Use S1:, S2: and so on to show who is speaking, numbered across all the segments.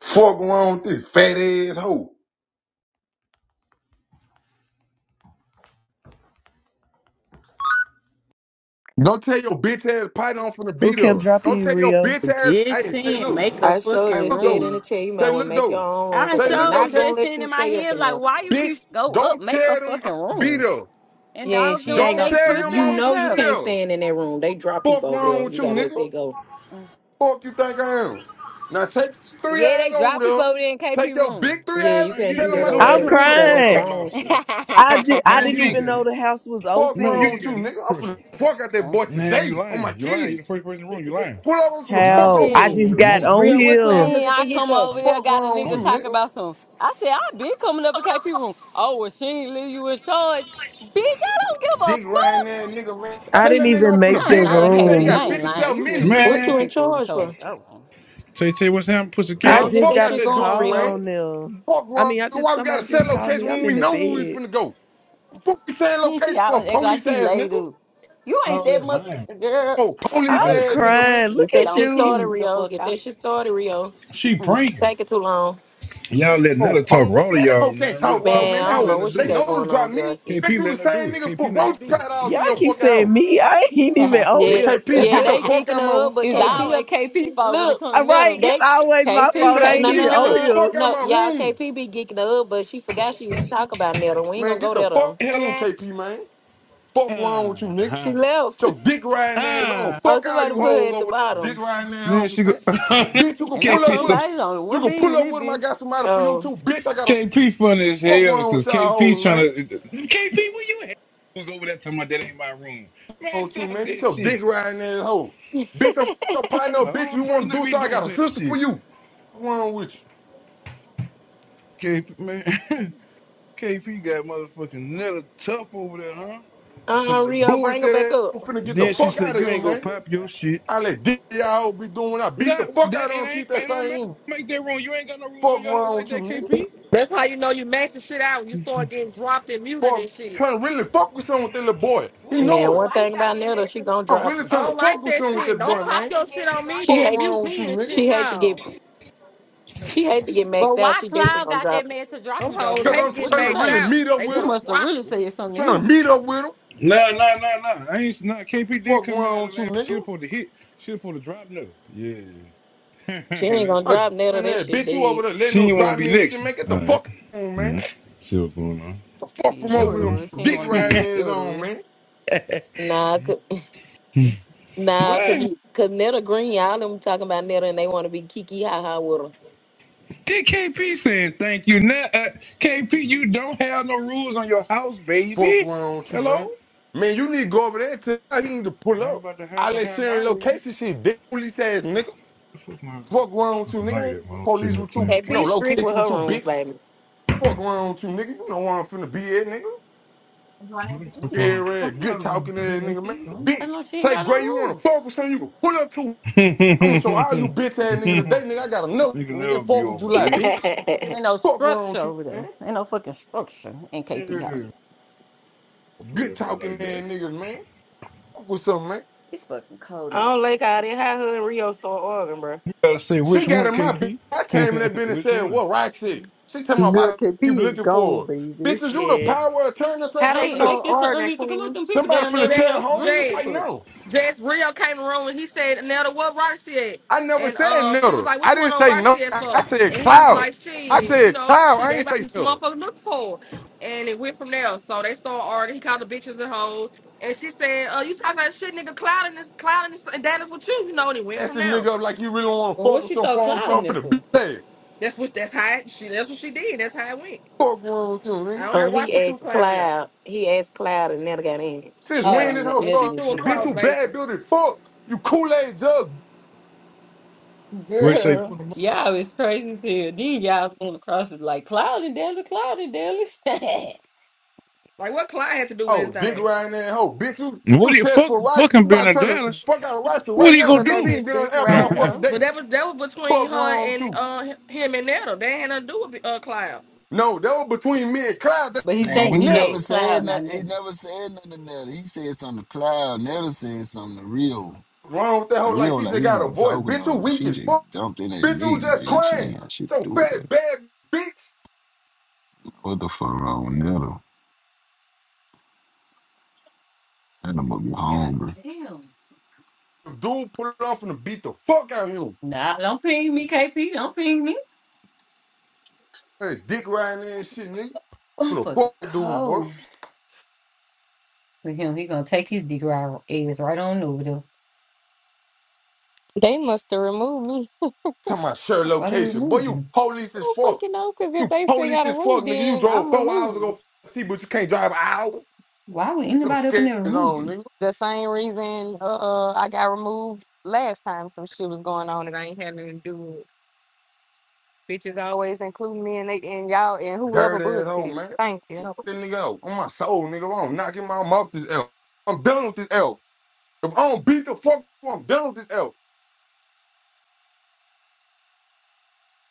S1: Fuck wrong with this fat ass hoe. Go tell your bitch ass partner I'm finna
S2: Who
S1: beat
S2: kept
S1: her. Go
S2: dropping you,
S1: tell your
S2: Rio?
S1: bitch
S3: was
S1: ass.
S3: just
S1: Hey, say
S3: saying,
S1: look.
S3: make a
S4: I sure
S3: fucking
S1: Hey,
S4: just
S1: look
S4: said in
S1: though.
S4: the
S3: room.
S4: chat, you might
S1: Say
S4: well
S1: look
S4: make your
S1: though.
S4: own room
S3: I
S4: because
S1: Say
S4: they
S1: look
S3: so
S1: though,
S4: not
S3: was
S1: K.
S4: gonna
S3: just
S4: let
S3: saying
S4: you
S3: in my
S4: stay up
S3: head,
S4: in
S3: like,
S4: there.
S3: why you
S1: Bitch,
S3: keep go up,
S1: don't
S3: make a
S1: tell them
S3: fucking
S1: I'm beat
S3: room.
S1: her.
S3: And
S4: Yeah,
S3: dogs
S4: she
S3: don't
S4: ain't
S1: Don't
S4: gonna.
S3: they
S1: tell
S3: pussy
S1: him
S4: You
S1: I'm
S3: as
S1: finna
S4: know you
S1: beat
S3: hell.
S4: can't
S1: her.
S4: stand in that room. They drop
S1: Fuck
S4: people over there.
S1: wrong with
S4: You
S1: you,
S4: gotta let
S1: nigga.
S4: that go.
S3: Mm.
S1: Fuck you think I am. Now take your three
S3: Yeah,
S1: eyes
S3: they drop
S1: over
S3: people
S1: there.
S3: over there in KP
S1: Take your big
S3: room.
S1: three
S4: Yeah, you
S1: eyes.
S5: Man, you
S4: can't do
S1: Tell
S5: ain't
S1: him
S5: got
S4: that
S1: I
S4: over
S5: no
S2: I'm
S1: said
S4: there.
S5: structure
S1: pull
S4: You
S1: the
S4: gotta
S5: over there
S1: fuck
S4: make
S2: crying.
S1: up.
S4: your
S5: talking about.
S4: own shit.
S2: I, di-
S3: yeah.
S2: I
S1: Wrong
S5: Man,
S1: with
S5: you
S2: didn't
S5: ain't
S2: even
S1: you?
S5: got.
S2: know the house was
S1: Fuck
S5: Man, you
S1: wrong
S2: open.
S5: ain't
S1: with you,
S5: got no
S1: nigga. I'm finna
S5: structure.
S1: fuck out that boy
S5: Man,
S1: today
S5: you
S1: on my
S5: lying. You lying. You
S1: kids.
S5: the first person in the room. You lying.
S1: Pull over for the
S5: You lying.
S1: fuck
S2: How?
S1: over,
S2: I
S1: dude.
S2: just
S5: I'm
S2: got
S5: on it.
S2: on
S4: Rio, what cloud
S2: here.
S3: Then
S4: looking for
S3: I
S4: you
S3: come
S4: for?
S3: over
S5: I'm
S3: there,
S1: Fuck
S3: got a
S1: wrong with you,
S3: nigga
S5: on
S3: talking
S1: nigga?
S3: about some. I said, I been coming up in KP room. Oh, well, she ain't leave you in charge. Bitch, I don't give a
S1: Dick riding
S3: fuck.
S1: that nigga, man.
S2: I
S1: Tell
S3: You
S2: didn't
S1: that
S3: get,
S1: nigga I'm
S2: even make
S1: finna
S3: I ain't
S2: the
S1: beat up.
S3: lying,
S1: He said he
S3: KP.
S2: room.
S3: I
S1: got
S3: ain't lying.
S1: 57
S3: You get
S5: you.
S1: minutes.
S4: What
S3: pussy
S4: you in
S5: Man,
S3: people in
S4: charge
S3: charge.
S4: for?
S3: Oh.
S5: Tay Tay, what's happening,
S4: Go
S1: Beat
S2: I
S5: pussycat?
S1: the
S4: on, get
S2: just
S1: fuck
S4: that
S2: got
S1: out
S2: a
S4: shit
S1: that
S4: going,
S1: dude,
S2: call
S1: man.
S4: Rio.
S2: on them.
S1: Fuck
S2: I
S1: wrong.
S2: mean, I just
S1: Why we
S2: somebody
S1: gotta set
S2: just called
S1: location
S2: me.
S1: when
S2: I'm
S1: we
S2: in the
S1: know where we
S2: bed.
S1: finna go? Fuck we saying
S3: Then she
S1: location for a
S3: always act like
S1: police
S3: she
S1: ass
S3: laid
S1: nigga?
S3: up. You ain't
S5: All
S3: that
S5: that
S3: much,
S5: lying.
S3: girl.
S1: Oh, police
S5: All
S2: I'm
S5: that
S1: ass
S5: pranking.
S1: nigga, man.
S2: crying. Look
S4: Get that
S2: at
S4: shit
S3: Don't piss
S4: started,
S2: you.
S3: me the
S4: Rio.
S3: fuck
S4: Get
S3: off.
S4: that shit started, Rio.
S5: She
S3: Mm-mm.
S5: pranking.
S4: Take it too long,
S5: Y'all letting
S1: Oh,
S5: her talk
S1: police
S5: raw to
S1: man, that hoe
S5: y'all,
S1: can't
S5: man. Real
S1: talk wrong,
S5: talk.
S4: man.
S1: man.
S4: I
S1: That
S5: KP
S4: don't
S1: hoe,
S4: know
S5: letting her
S4: what she
S1: they
S5: do
S4: got
S5: it.
S1: know to
S4: going
S1: drop
S4: on,
S1: me.
S4: BRC.
S1: Bet
S5: KP
S1: you the
S5: letting her do
S1: same
S5: it.
S1: nigga
S5: KP
S1: put
S5: letting her
S1: roach
S5: do
S1: powder
S5: it.
S1: all
S5: Real
S2: Y'all
S1: through your
S5: talk.
S2: keep
S1: fucking
S2: saying
S1: house.
S2: me. I ain't even on
S1: Man,
S4: Yeah,
S2: here.
S1: KP,
S4: yeah,
S1: get the
S4: they
S1: fuck
S4: geeking
S1: out my
S4: her
S1: room.
S4: up, but
S3: it's
S5: Hold on.
S4: KP,
S3: always KP fault when it
S4: look.
S3: come
S2: All
S3: to
S2: right,
S3: nettle.
S2: it's
S4: They
S2: always my
S1: Man,
S3: KP,
S2: fault. I ain't
S4: No,
S1: KP,
S2: even
S4: no,
S3: KP.
S4: no,
S1: get
S2: on
S1: the
S4: no, no,
S2: here.
S1: fuck out
S4: no.
S1: my
S4: Y'all,
S1: room.
S4: KP be geeking up, but she forgot she used to talk about Nettle. We ain't
S1: Man,
S4: gonna
S1: get
S4: go
S1: the
S4: there
S1: fuck
S4: though.
S1: on,
S5: Hello.
S1: KP, man. Fuck wrong
S5: Uh-huh.
S1: with you,
S5: Uh
S1: nigga.
S4: She
S5: huh.
S4: left.
S1: Your dick riding ass on.
S5: Ah.
S4: Oh,
S1: Fuck all you
S4: somebody put her
S1: hoes
S4: at the
S1: over there. Dick
S4: bottom.
S1: riding ass
S5: Then
S1: hoes,
S5: she go.
S1: man. Bitch, you can
S3: And know
S1: pull up
S5: KP.
S1: with
S3: somebody's on
S1: You
S3: one
S1: can
S3: beam
S1: pull
S3: in
S1: up
S3: this
S1: with them. I
S3: bitch.
S1: got somebody for you
S4: Oh,
S1: too. Bitch, I got a
S5: KP funny as
S1: fuck
S5: hell
S1: wrong
S5: because
S1: with y'all
S5: KP
S1: hoes,
S5: trying
S1: man.
S5: to KP where you at? Was over that time. That ain't my room. Man,
S1: On you,
S5: stop
S1: man. Get
S5: that
S1: your dick
S5: shit.
S1: riding ass hoe. Bitch, I'm your partner.
S5: The
S1: Bitch,
S5: only
S1: you
S5: person
S1: want to
S5: they
S1: do so?
S5: be
S1: I
S5: doing
S1: got a
S5: that
S1: sister for
S5: shit.
S1: you. Fuck wrong with you?
S5: KP man, KP got motherfucking Nella tough over there, huh? Talking
S4: uh,
S5: about you.
S4: Rio, bring her
S1: Bullshit
S4: back
S1: ass. I'm
S4: up.
S1: finna get the
S5: Then
S3: I
S5: she
S1: fuck
S3: ain't
S1: out
S5: said
S1: of
S5: you
S1: here,
S5: ain't
S3: lying.
S5: gonna
S1: man.
S5: pop your shit.
S1: I let dick y'all hoes be doing. I beat
S5: Nah,
S1: the fuck out
S5: that
S1: of
S5: it
S1: them.
S5: ain't.
S1: Keep that
S5: It don't matter.
S1: same. energy.
S5: Make that wrong. You ain't got no rules on
S1: Fuck
S5: your house
S1: wrong
S5: like
S1: with you,
S5: that,
S1: nigga.
S5: KP.
S6: That's how you know you maxing shit out when you start getting dropped and muted
S1: boy,
S6: and shit.
S1: trying to really focus on with that little boy. He
S3: What
S4: Man,
S1: know
S3: happened?
S1: it.
S4: one
S3: Why he
S4: thing
S3: got
S4: about
S3: that man
S4: Nettle, she
S3: to?
S4: gonna
S1: I'm
S4: drop
S1: really
S4: you.
S6: I
S1: trying to
S6: don't like
S1: focus
S6: that
S1: on with
S3: Why
S6: shit.
S1: that
S6: Don't
S1: boy,
S3: Cloud
S6: pop
S3: got
S1: man.
S6: your
S3: that man
S6: shit
S3: to
S6: on
S3: drop
S6: me,
S3: you?
S4: She
S1: Fuck
S6: then
S4: hate,
S6: mute
S1: wrong with you,
S6: me and
S1: nigga?
S6: shit.
S4: she hate to get,
S6: No.
S4: she hate to get
S3: But
S4: maxed out.
S3: why
S4: She definitely
S3: Cloud
S4: gonna
S3: got
S4: drop
S3: that
S4: it.
S3: man to drop
S6: Them
S3: you though,
S6: hoes
S1: Cause
S3: Rio?
S1: I'm
S6: hate
S3: What
S6: getting
S1: trying
S3: you
S1: to
S6: maxed
S1: really
S3: say?
S6: out.
S1: meet up
S6: They
S1: with
S3: You
S1: him.
S6: want to
S3: must have
S6: drop
S3: really said something to
S1: Trying
S3: him.
S1: to meet up with him.
S5: Nah, nah, nah, nah. I ain't nah. KP did
S1: Fuck
S5: come in at
S1: wrong
S5: the
S1: with you,
S5: last. She
S1: nigga?
S5: was supposed to hit. She was supposed to drop nothing. Yeah.
S4: She ain't
S5: Let's
S4: gonna
S1: Like,
S4: drop Nettle.
S1: and
S4: That
S1: then
S4: shit
S1: bitch, you over
S4: dead.
S1: there
S5: She
S1: letting him
S5: ain't want
S1: drive
S5: to be
S1: me and shit,
S5: licked.
S1: man. Get
S5: All
S1: the
S5: right.
S1: fuck on,
S5: All
S1: man.
S5: right. See what's going on.
S1: The fuck
S3: Yeah,
S1: from
S5: See
S3: that what
S1: over
S3: it
S1: him,
S3: was.
S5: what's
S3: She didn't
S1: dick
S3: want to be
S5: going
S1: riding
S3: neat.
S5: on.
S3: That
S1: his
S3: what it
S1: own,
S3: was.
S1: man.
S4: Nah, cause, nah,
S5: What?
S4: cause, cause Nettle Green, y'all them talking about Nettle, and they want to be kiki ha ha with her.
S5: Did KP saying thank you? Now, uh, KP, you don't have no rules on your house,
S1: Fuck
S5: baby.
S1: wrong with you,
S5: Hello?
S1: man. Man, you need to go over there and tell him he need to pull
S5: you ain't
S1: up.
S5: about to
S1: I
S5: have a
S1: let
S5: hair in my
S1: Sharon
S5: room.
S1: location shit, dick police ass nigga.
S5: The fuck my
S1: Fuck wrong with you,
S5: fucking
S1: nigga? I
S5: like that while
S1: ain't
S5: I'm sitting
S1: police
S5: there
S1: with you,
S5: playing
S4: Hey,
S5: with
S1: no
S4: be
S5: kids.
S4: strict with
S1: location
S4: her
S1: with you, bitch.
S4: rooms, baby.
S1: Fuck around with you, nigga. You know where I'm finna be at, nigga.
S3: Like,
S5: What the
S3: "Ooh,
S5: fuck
S1: Scary ass, good
S3: darn,
S1: talking
S3: you
S1: ass nigga, man.
S3: I
S1: Bitch,
S3: know she ain't
S1: say
S3: got no
S1: Gray, you wanna
S3: rules.
S1: fuck with on you can pull up to. I'ma show all you
S5: my
S1: bitch ass nigga today,
S5: Nigga
S3: There
S1: nigga. I got enough,
S5: never
S1: nigga.
S5: be
S1: Fourth of
S5: over,
S1: July,
S5: baby.
S1: bitch.
S3: ain't no
S1: Fuck around
S3: structure
S1: with you,
S3: over there.
S1: man.
S3: Ain't no fucking structure in
S5: Yeah.
S3: KP house.
S5: Don't Play
S1: Good
S5: it
S1: talking
S5: like that.
S1: ass
S5: You
S1: niggas, man. Fuck with something, man.
S3: It's fucking cold
S4: I
S3: now.
S4: don't like how they how her and Rio stole Oregon, bro.
S5: gotta say
S1: She
S5: which
S1: got
S5: one,
S1: in my bitch.
S5: KP?
S1: I came in that bitch and
S5: which
S1: said,
S5: one?
S1: what Roxy? She tell me why the
S7: Good
S1: f- you
S7: KP is
S1: looking
S7: gone,
S1: for her.
S7: baby.
S1: Bitch, is you the
S4: Yeah.
S1: power attorney?
S4: How
S1: Somebody
S4: they
S3: Man,
S1: finna,
S3: make
S4: stole
S3: this an
S4: Oregon,
S3: unleashed. Come on,
S4: Queen?
S3: them people
S1: somebody
S3: down
S1: finna
S3: there,
S6: J-
S3: Rio.
S1: tell her
S3: Bring them
S1: right
S6: Jazz,
S3: people. up.
S1: now.
S6: Jazz Rio came in the room and he said, Nelda, what Roxy at?
S1: I never
S6: And
S1: said
S6: um, she was
S1: neutral.
S6: like, What
S1: I
S6: you want
S1: didn't
S6: on
S1: say no.
S6: Roxy at
S1: I
S6: for?
S1: said
S6: And he was
S1: cloud.
S6: like,
S1: I
S6: Shit, you
S1: said
S6: know,
S1: cloud.
S6: shit,
S1: I ain't say
S6: everybody some
S1: neutral.
S6: motherfuckers look for. her." And it went from there. So they started arguing. He called the bitches and hoes. And she said, "Uh, you talking about shit, nigga, clouding this, clouding this, and that is what you, you know, and it went
S1: Ask
S6: from
S1: this
S6: there.
S1: nigga up like you really want to
S3: Well,
S1: fuck
S3: what
S1: with
S3: she
S1: some
S3: throw
S1: farm
S3: cloud in
S1: stuff for
S3: there
S1: the bitch.
S3: for?
S1: ass.
S6: That's what that's how it, she that's what she did. That's how it went.
S1: Fuck wrong with you, nigga.
S6: I don't know
S4: Or
S6: why
S4: he
S6: she threw
S4: asked
S6: cloud in there.
S4: Cloud. He asked Cloud and never got in it.
S1: Since when
S6: Yeah.
S1: this
S3: Oh, n-
S1: whole
S6: And
S3: neither
S6: she
S1: started,
S3: did
S6: threw a
S3: you.
S1: bitch,
S6: cross
S1: you
S3: Girl,
S1: bad
S6: basically.
S1: building fuck. You Kool-Aid jug.
S5: Grace say
S3: Girl, y'all is crazy as hell. Then y'all going across is like cloud and Dallas, cloud and Dallas.
S6: Like what cloud had to do with
S1: Oh, dick
S6: anything.
S1: riding that hoe. Bitch, you,
S5: What
S1: you
S5: do you
S1: chest
S5: fuck
S1: for rice. You
S5: fucking being
S1: about to
S5: in
S1: turn the
S5: Dallas?
S1: fuck out of rice
S5: What
S1: right
S5: are you
S1: now.
S5: gonna
S4: Cause
S1: Bitch,
S4: they
S1: she
S4: been
S1: ain't been on
S4: dick
S1: the app
S5: do?
S1: all
S4: riding
S1: fucking
S4: her.
S6: But
S1: day.
S6: that was that was between
S1: Fuck
S6: her
S1: wrong with
S6: and
S1: you.
S6: uh him and Netta. They had nothing to do with uh Cloud.
S1: No, that was between me and Cloud. That
S3: but he
S1: had to do
S8: Man,
S3: say
S1: with
S8: he
S3: he
S8: never
S3: ain't
S1: neutral.
S3: cloud,
S8: said
S3: and I
S8: nothing. He
S3: never.
S8: never said nothing to Nelly. He said something to Cloud. Nelly said something to Rio.
S1: Wrong with that hoe
S8: And
S1: like
S8: Rio,
S1: she
S8: like,
S1: just
S8: we wasn't
S1: got a
S8: even
S1: voice.
S8: talking to
S1: Bitch, you
S8: her.
S1: weak
S8: She
S1: as
S8: just
S1: fuck.
S8: jumped in at
S1: Bitch, you was
S8: me.
S1: just
S8: Man. She
S1: crying.
S8: ain't had shit to
S1: So
S8: do with
S1: fat,
S8: that.
S1: bad bitch.
S8: What the fuck wrong with Nelly? Nelly must be
S3: God
S8: hungry.
S3: damn.
S1: If dude put it off and beat the fuck out of him.
S3: Nah, don't ping me, KP. Don't ping me.
S1: Hey, dick riding there and shit, nigga. i
S3: I'm
S1: the
S3: fucking
S1: fuck that dude, boy.
S3: cold. With him, he gonna take his dick right ass right on over there.
S9: They must have removed me.
S1: Talking about share
S3: Why they
S1: location. Boy,
S3: removed
S1: you
S3: you?
S1: police
S9: I
S1: as
S9: don't
S1: fuck.
S9: fucking know, because if
S1: You
S9: they still
S1: police
S9: got a
S1: as
S9: room,
S1: fuck, nigga. You
S9: then
S1: drove
S9: I'm
S1: four hours ago,
S9: removed.
S1: see, but you can't drive an hour.
S3: Why would
S1: Get some
S3: anybody up in
S1: scares
S3: there remove
S1: on,
S3: you?
S1: nigga.
S9: The same reason uh I got removed last time some shit was going on that I ain't had nothing to do with. Bitches always include me and they and y'all and whoever
S1: Dirty
S9: books
S1: asshole,
S9: it.
S1: man.
S9: Thank you.
S1: That nigga out. On my soul, nigga. If I don't knock him out, I'm do knocking my mouth this L. I'm done with this L. If I don't beat the fuck, I'm done with this L.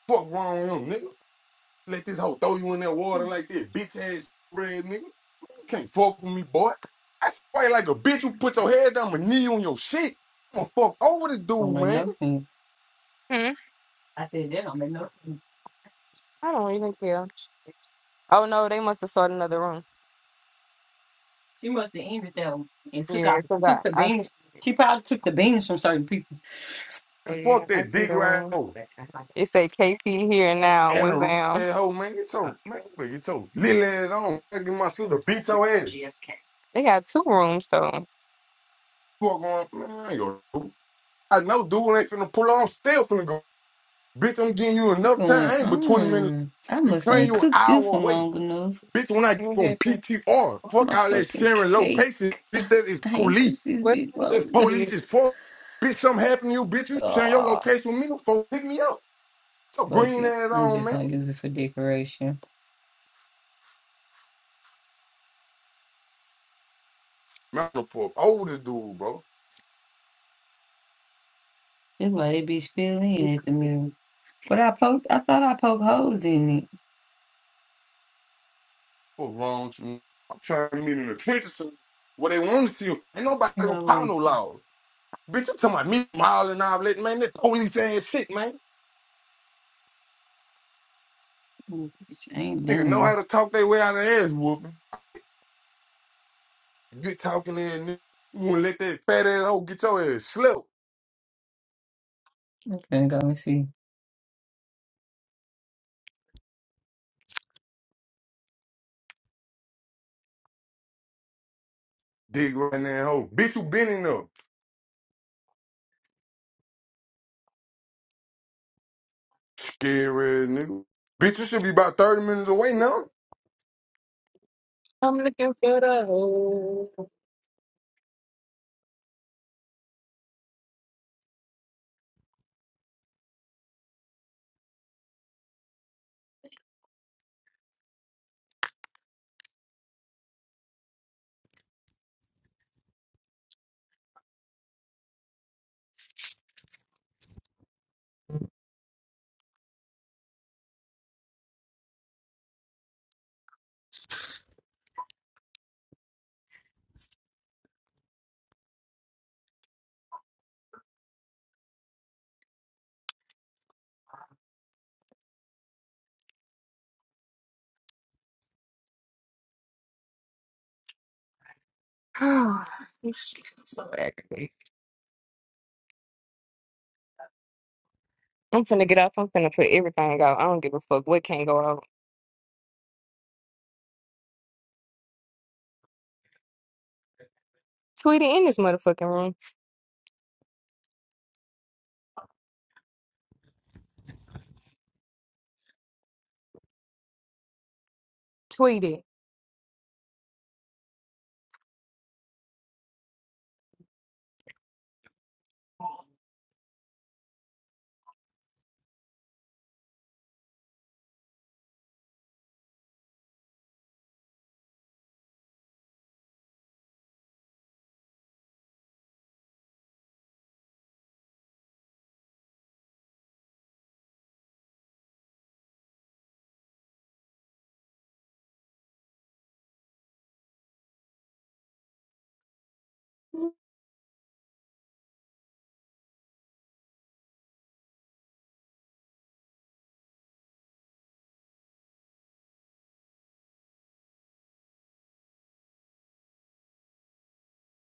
S1: Fuck wrong with him, nigga. Let this hoe throw you in that water like this, bitch ass red nigga. You can't fuck with me, boy. I fight like a bitch. You put your head down, my knee on your shit. I'm gonna fuck over this
S3: Don't
S1: dude,
S3: make
S1: man.
S3: no sense.
S9: Hmm?
S3: I said that don't make no sense.
S9: I don't even care. Oh no, they must have started another room.
S3: She must have ended that one and took
S9: Yeah,
S3: out
S9: because I,
S3: took the
S9: I s-
S3: beans. She probably took the beans from certain people.
S9: oh,
S1: And
S9: yeah,
S1: fuck
S9: I
S1: that
S9: see
S1: dick
S9: the
S1: right
S9: room.
S1: over.
S9: It say KP here now
S1: And
S9: with
S1: a
S9: them.
S1: red hoe, man. Get your, man, get your little ass on. Get my sister, beat your ass.
S9: They got two rooms though.
S1: Fuck on, man. I ain't gonna do. I know dude ain't finna pull on. I'm still finna go. Bitch, I'm getting you
S3: What's
S1: enough time.
S3: going
S1: I ain't but 20 minutes.
S3: on? I
S1: You
S3: must
S1: claim
S3: ain't
S1: you an
S3: cooked this
S1: hour
S3: one
S1: away.
S3: long enough.
S1: Bitch, when I go on
S9: Okay, so
S1: PTR,
S3: My
S1: fuck all that
S3: fucking
S1: sharing
S3: cake.
S1: location. Bitch, that is
S3: I ain't cooked
S1: police.
S3: this
S9: what
S3: bitch
S9: time
S1: That's
S3: long enough.
S1: police
S9: is
S1: is fuck. Bitch, something happened to you, bitch. You sharing your
S3: Ugh.
S1: location with me before pick me up. So
S3: Fuck
S1: green
S3: it.
S1: ass
S3: I'm
S1: on,
S3: just
S1: man.
S3: gonna use it for decoration.
S1: Man, I'm for oldest dude, bro.
S3: That's why that bitch fell in at the middle. But I poked I thought I poked holes in it.
S1: What's wrong with you? I'm trying to meet in the trenches so where they want to see you. Ain't nobody
S3: And
S1: gonna
S3: I
S1: power
S3: would
S1: no laws. Bitch, you talking about me miling all that, man. That police ass shit, man.
S3: I ain't
S1: Nigga know how
S3: done.
S1: to talk their way out of ass whooping. Good talking ass nigga. You wouldn't let that fat ass hoe get your ass slept.
S3: I'm finna go and see.
S1: Dig right now, hoe. Bitch, you been in there. Scary ass nigga. Bitch, you should be about 30 minutes away
S9: it?
S1: now.
S9: I'm looking for the hole. You shit, I'm so angry. I'm finna get up. I'm finna put everything out. I don't give a fuck what can't go out. Tweet it in this motherfucking room. Tweet it.